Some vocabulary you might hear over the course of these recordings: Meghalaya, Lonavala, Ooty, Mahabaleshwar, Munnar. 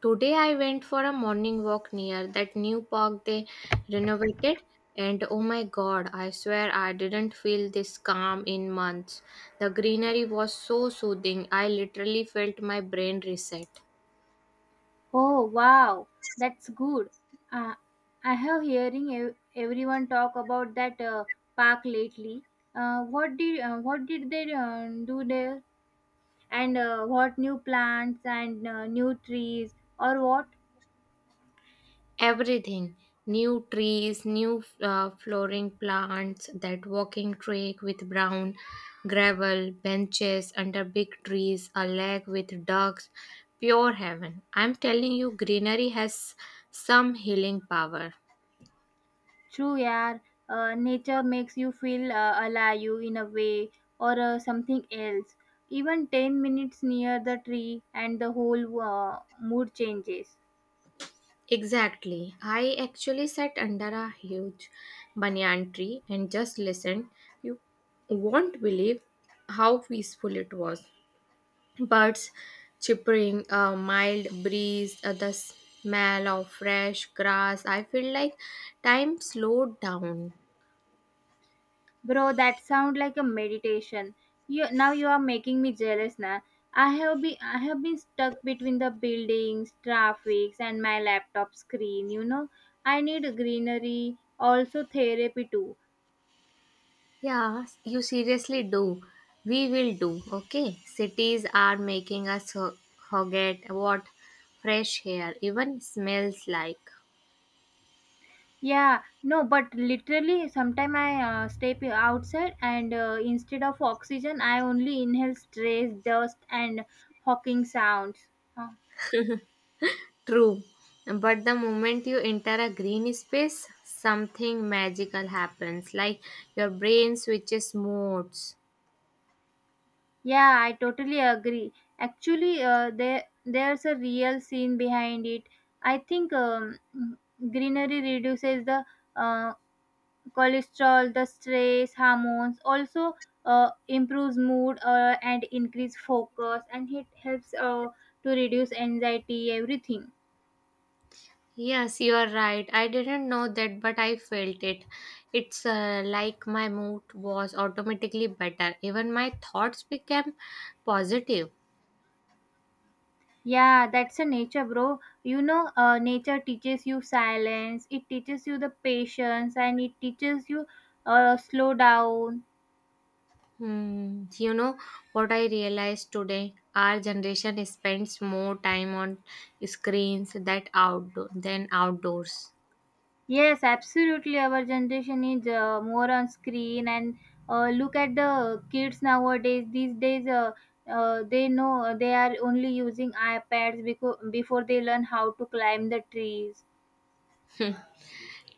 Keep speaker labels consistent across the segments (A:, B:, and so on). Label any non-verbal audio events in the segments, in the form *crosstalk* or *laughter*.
A: Today I went for a morning walk near that new park they renovated and oh my god, I swear I didn't feel this calm in months. The greenery was so soothing. I literally felt my brain reset.
B: Oh wow, that's good. Uh, I have hearing everyone talk about that park lately. What did they do there? And what new plants and new trees or what?
A: Everything, new trees, new flooring, plants, that walking track with brown gravel, benches under big trees, a lake with ducks. Pure heaven, I'm telling you, greenery has some healing power.
B: True, yeah. Nature makes you feel alive in a way or something else. Even 10 minutes near the tree and the whole mood changes.
A: Exactly, I actually sat under a huge banyan tree and just listened. You won't believe how peaceful it was. Birds chirping, a mild breeze, the smell of fresh grass. I feel like time slowed down.
B: Bro, that sound like a meditation. You now you are making me jealous now. I have been stuck between the buildings, traffics and my laptop screen, I need greenery, also therapy too.
A: Yeah, you seriously do. We will do, okay? Cities are making us forget what fresh air even smells like.
B: Yeah, no, but literally sometime I step outside and instead of oxygen I only inhale stress, dust and hawking sounds. Huh?
A: True, but the moment you enter a green space, something magical happens, like your brain switches modes.
B: Yeah, I totally agree. Actually, there's a real scene behind it. I think greenery reduces the uh, cholesterol, the stress hormones, also improves mood and increase focus, and it helps to reduce anxiety. Everything.
A: Yes, you are right. I didn't know that, but I felt it. It's like my mood was automatically better. Even my thoughts became positive.
B: Yeah, that's a nature, bro. You know, nature teaches you silence. It teaches you the patience, and it teaches you slow down.
A: Hmm. You know what I realized today? Our generation spends more time on screens that outdoor than outdoors.
B: Yes, absolutely. Our generation is more on screen, and look at the kids nowadays. These days, they know they are only using iPads because before they learn how to climb the trees.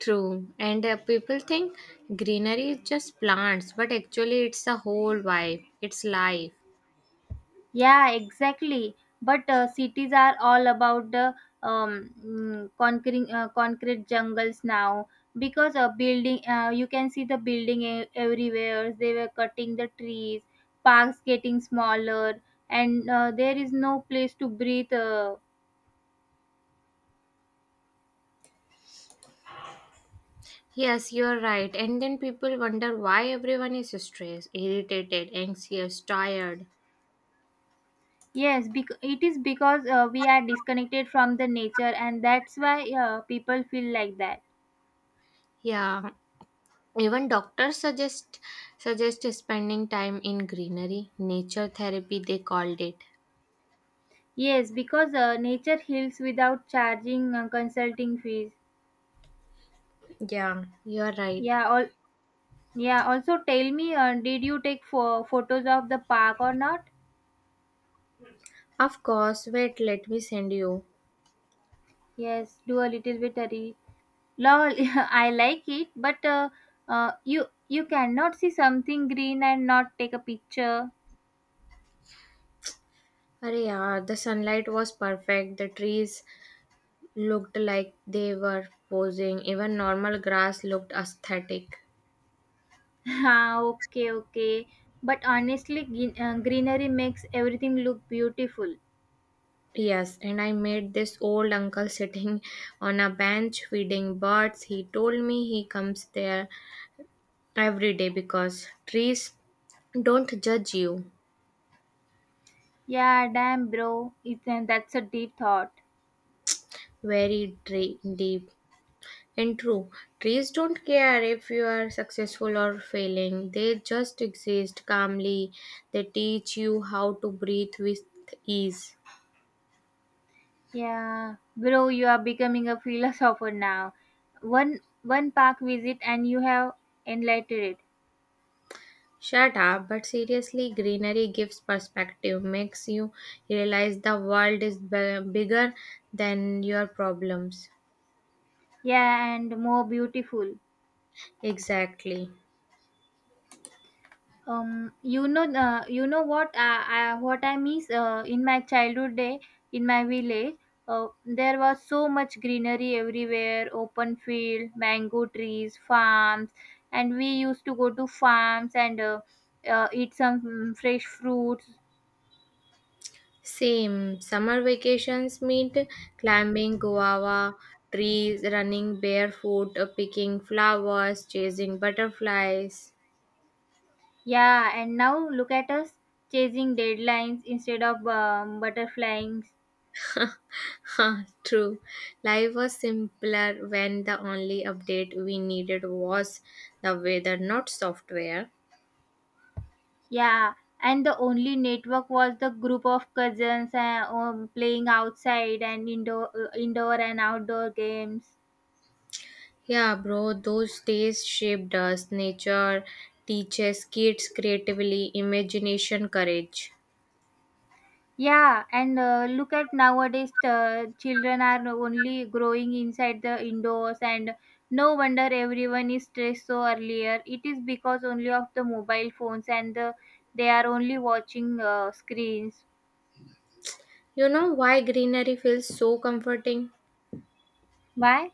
A: True. And people think greenery is just plants, but actually, it's a whole vibe. It's life.
B: Yeah, exactly. But cities are all about the conquering concrete jungles now because a building you can see the building everywhere. They were cutting the trees, parks getting smaller, and there is no place to breathe. Uh,
A: Yes, you're right. And then people wonder why everyone is stressed, irritated, anxious, tired.
B: yes, bec- it is because we are disconnected from the nature, and that's why people feel like that.
A: Yeah. Even doctors suggest spending time in greenery, nature therapy they called it.
B: Yes, because nature heals without charging consulting fees.
A: Yeah, you're right.
B: Yeah, all. Yeah, also tell me, did you take photos of the park or not?
A: Of course, wait, let me send you.
B: Yes, do a little bit hurry. Lol, *laughs* I like it, but you cannot see something green and not take a picture.
A: Arey yaar, the sunlight was perfect. The trees looked like they were posing. Even normal grass looked aesthetic.
B: *laughs* Ah, okay, okay. But honestly, greenery makes everything look beautiful.
A: Yes, and I met this old uncle sitting on a bench feeding birds. He told me he comes there every day because trees don't judge you.
B: Yeah, damn, bro. It's, and that's a deep thought.
A: Very deep and true. Trees don't care if you are successful or failing, they just exist calmly. They teach you how to breathe with ease.
B: Yeah, bro, you are becoming a philosopher now. One park visit and you have enlightened it.
A: Shut up, but seriously, greenery gives perspective, makes you realize the world is bigger than your problems.
B: Yeah, and more beautiful.
A: Exactly.
B: You know what, I what I miss in my childhood day in my village. There was so much greenery everywhere, open field, mango trees, farms, and we used to go to farms and eat some fresh fruits.
A: Same. Summer vacations meet climbing guava trees, running barefoot, picking flowers, chasing butterflies. *laughs*
B: Yeah, and now look at us chasing deadlines instead of butterflies.
A: Huh, true. Life was simpler when the only update we needed was the weather, not software.
B: Yeah, and the only network was the group of cousins playing outside and indoor, indoor and outdoor games.
A: Yeah, bro, those days shaped us. Nature teaches kids creatively, imagination, courage.
B: Yeah, and look at nowadays, the children are only growing inside the indoors, and no wonder everyone is stressed so earlier. It is because only of the mobile phones and the, they are only watching screens.
A: You know why greenery feels so comforting?
B: Why?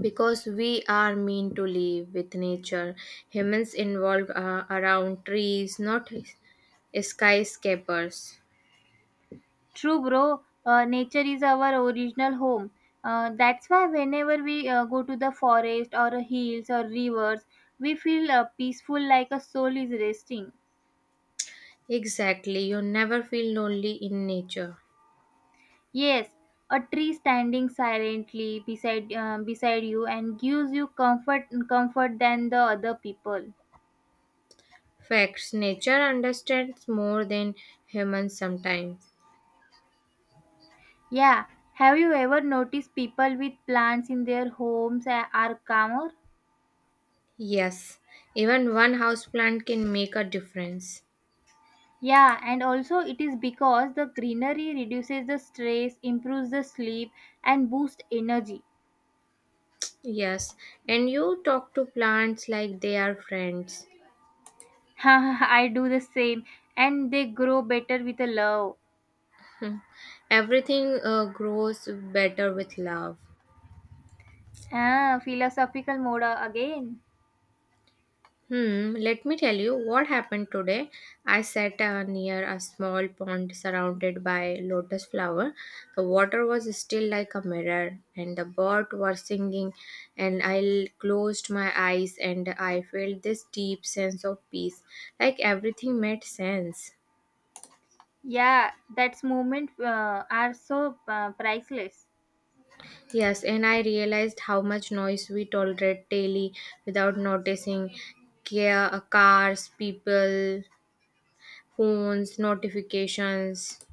A: Because we are meant to live with nature. Humans involved around trees, not skyscrapers.
B: True, bro. Nature is our original home. That's why whenever we go to the forest or hills or rivers, we feel peaceful like a soul is resting.
A: Exactly, you never feel lonely in nature.
B: Yes, a tree standing silently beside you and gives you comfort than the other people.
A: Facts. Nature understands more than humans sometimes.
B: Yeah, have you ever noticed people with plants in their homes are calmer?
A: Yes, even one houseplant can make a difference.
B: Yeah, and also it is because the greenery reduces the stress, improves the sleep, and boosts energy.
A: Yes, and you talk to plants like they are friends.
B: *laughs* I do the same, and they grow better with a love.
A: Hmm. Everything grows better with love.
B: Ah, philosophical mode again.
A: Hmm, let me tell you what happened today. I sat near a small pond surrounded by lotus flower. The water was still like a mirror and the birds were singing and I closed my eyes and I felt this deep sense of peace. Like everything made sense.
B: Yeah, that's moment are so priceless.
A: Yes, and I realized how much noise we tolerate daily without noticing. Cars, people, phones, notifications.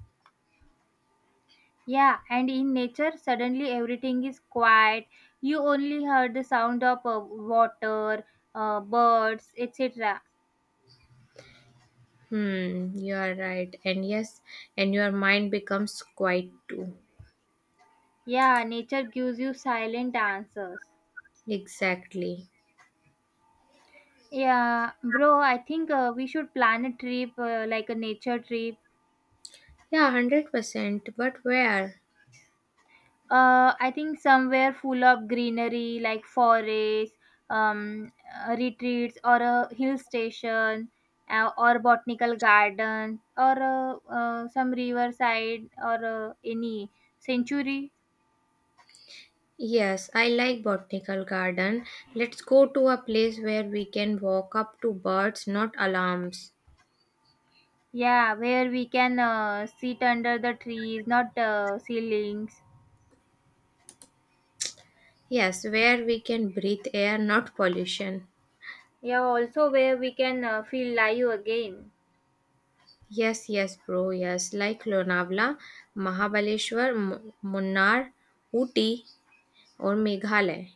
B: Yeah, and in nature, suddenly everything is quiet. You only heard the sound of water, birds, etc.
A: Hmm, you are right. And yes, and your mind becomes quiet too.
B: Yeah, nature gives you silent answers.
A: Exactly.
B: Yeah, bro, I think we should plan a trip, like a nature trip.
A: Yeah, 100%. But where?
B: I think somewhere full of greenery, like forests, um, retreats, or a hill station, or botanical garden, or some riverside, or any sanctuary.
A: Yes, I like botanical garden. Let's go to a place where we can walk up to birds, not alarms.
B: Yeah, where we can sit under the trees, not ceilings.
A: Yes, where we can breathe air, not pollution.
B: Yeah, also where we can feel live again.
A: Yes, yes, bro. Yes, like Lonavala, Mahabaleshwar, Munnar, Ooty, or Meghalaya.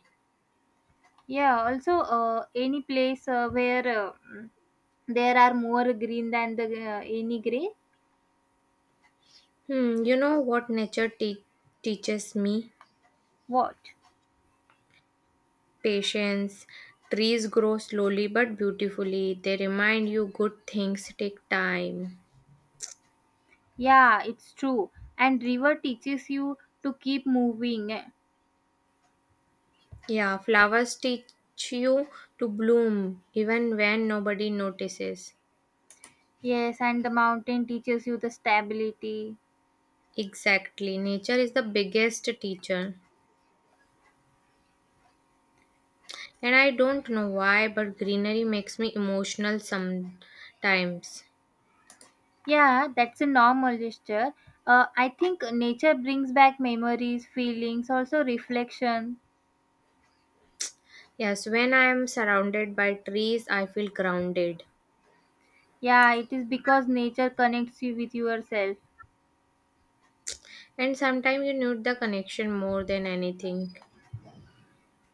B: Yeah, also any place where there are more green than the any gray.
A: Hmm, you know what nature teaches me?
B: What?
A: Patience. Trees grow slowly but beautifully. They remind you good things take time.
B: Yeah, it's true. And river teaches you to keep moving.
A: Yeah, flowers teach you to bloom even when nobody notices.
B: Yes, and the mountain teaches you the stability.
A: Exactly. Nature is the biggest teacher. And I don't know why, but greenery makes me emotional sometimes.
B: Yeah, that's a normal gesture. I think nature brings back memories, feelings, also reflection.
A: Yes, when I am surrounded by trees, I feel grounded.
B: Yeah, it is because nature connects you with yourself.
A: And sometimes you need the connection more than anything.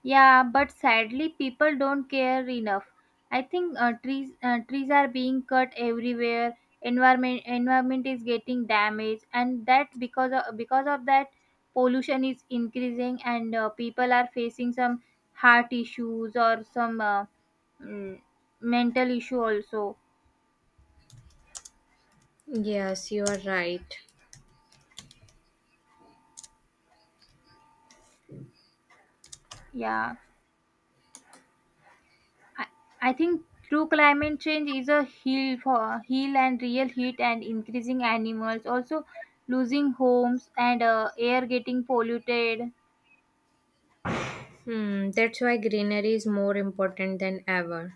B: Yeah, but sadly, people don't care enough. I think trees are being cut everywhere. Environment is getting damaged, and that because of that, pollution is increasing, and people are facing some heart issues or some mm, mental issue also.
A: Yes, you are right.
B: Yeah. I, I think true climate change is a heel for heel and real heat and increasing animals also losing homes and air getting polluted.
A: Hmm, that's why greenery is more important than ever.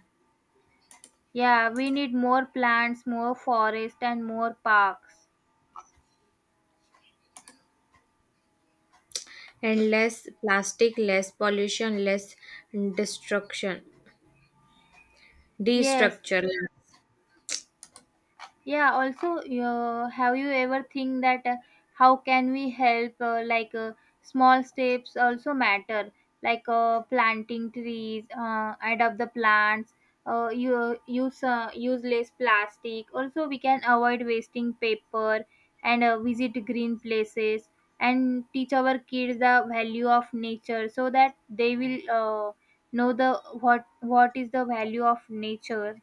B: Yeah, we need more plants, more forest and more parks.
A: And less plastic, less pollution, less destruction,
B: Yes.
A: destructure.
B: Yeah, also, have you ever think that how can we help? Like small steps also matter, like planting trees, adopt the plants, you use use less plastic. Also, we can avoid wasting paper and visit green places and teach our kids the value of nature so that they will know the what is the value of nature.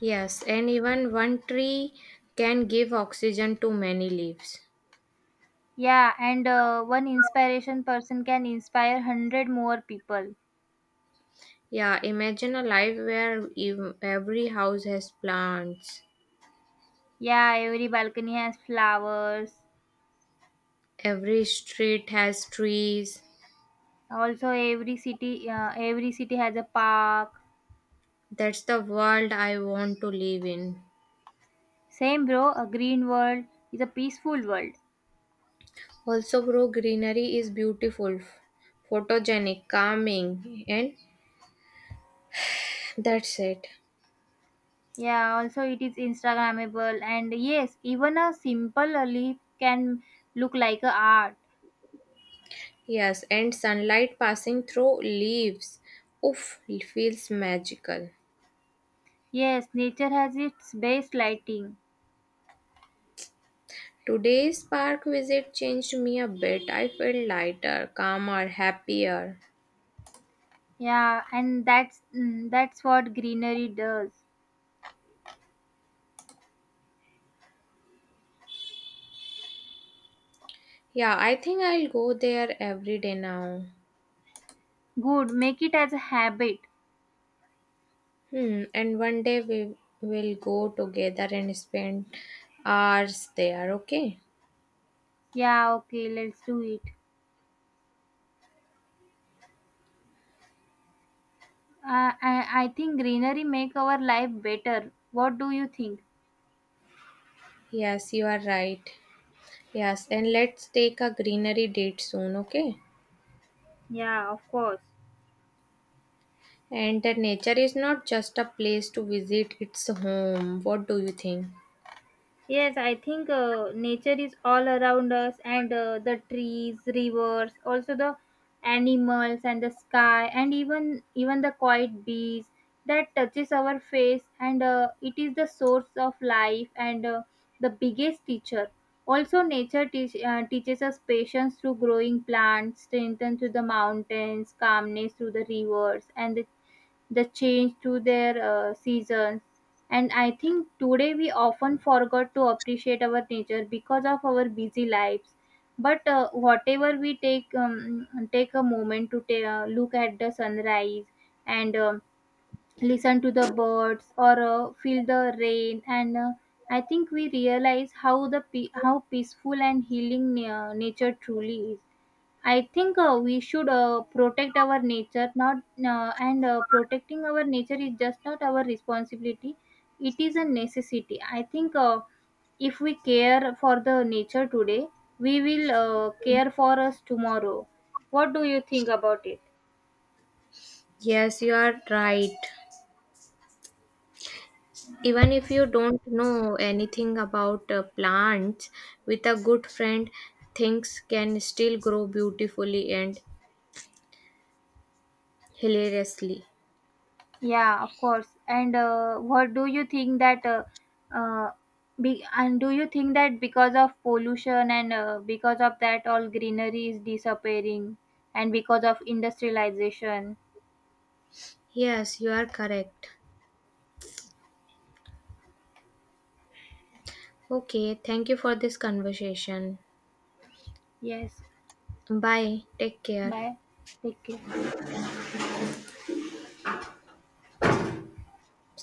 A: Yes, and even one tree can give oxygen to many leaves.
B: Yeah, and one inspiration person can inspire 100 more people.
A: Yeah, imagine a life where every house has plants,
B: Yeah, every balcony has flowers.
A: every street has trees.
B: Also every city has a park.
A: That's the world I want to live in.
B: Same bro, a green world is a peaceful world.
A: Also bro, greenery is beautiful, photogenic, calming, and that's it.
B: Yeah, also it is instagrammable and yes, even a simple leaf can look like a art.
A: Yes, and sunlight passing through leaves. Oof, feels magical.
B: Yes, nature has its best lighting.
A: Today's park visit changed me a bit. I felt lighter, calmer, happier.
B: Yeah, and that's what greenery does.
A: Yeah, I think I'll go there every day now.
B: Good, make it as a habit.
A: Hmm, and one day we will go together and spend hours there, okay?
B: Yeah, okay, let's do it. I think greenery make our life better. What do you think?
A: Yes, you are right. Yes, and let's take a greenery date soon, okay?
B: Yeah, of course.
A: And the nature is not just a place to visit, it's a home. What do you think?
B: Yes, I think nature is all around us, and the trees, rivers, also the animals and the sky, and even the quiet breeze that touches our face, and it is the source of life and the biggest teacher. Also, teaches us patience through growing plants, strength through the mountains, calmness through the rivers, and the change to their seasons. And I think today we often forgot to appreciate our nature because of our busy lives, but whatever we take take a moment to look at the sunrise and listen to the birds or feel the rain, and I think we realize how how peaceful and healing nature truly is. I think we should protect our nature, not and protecting our nature is just not our responsibility. It is a necessity. I think if we care for the nature today, we will care for us tomorrow. What do you think about it?
A: Yes, you are right. Even if you don't know anything about plants, with a good friend, things can still grow beautifully and hilariously.
B: Yeah, of course. And what do you think that uh, and do you think that because of pollution and because of that all greenery is disappearing and because of industrialization?
A: Yes, you are correct. Okay, thank you for this conversation.
B: Yes.
A: Bye. Take care.
B: Bye. Take care.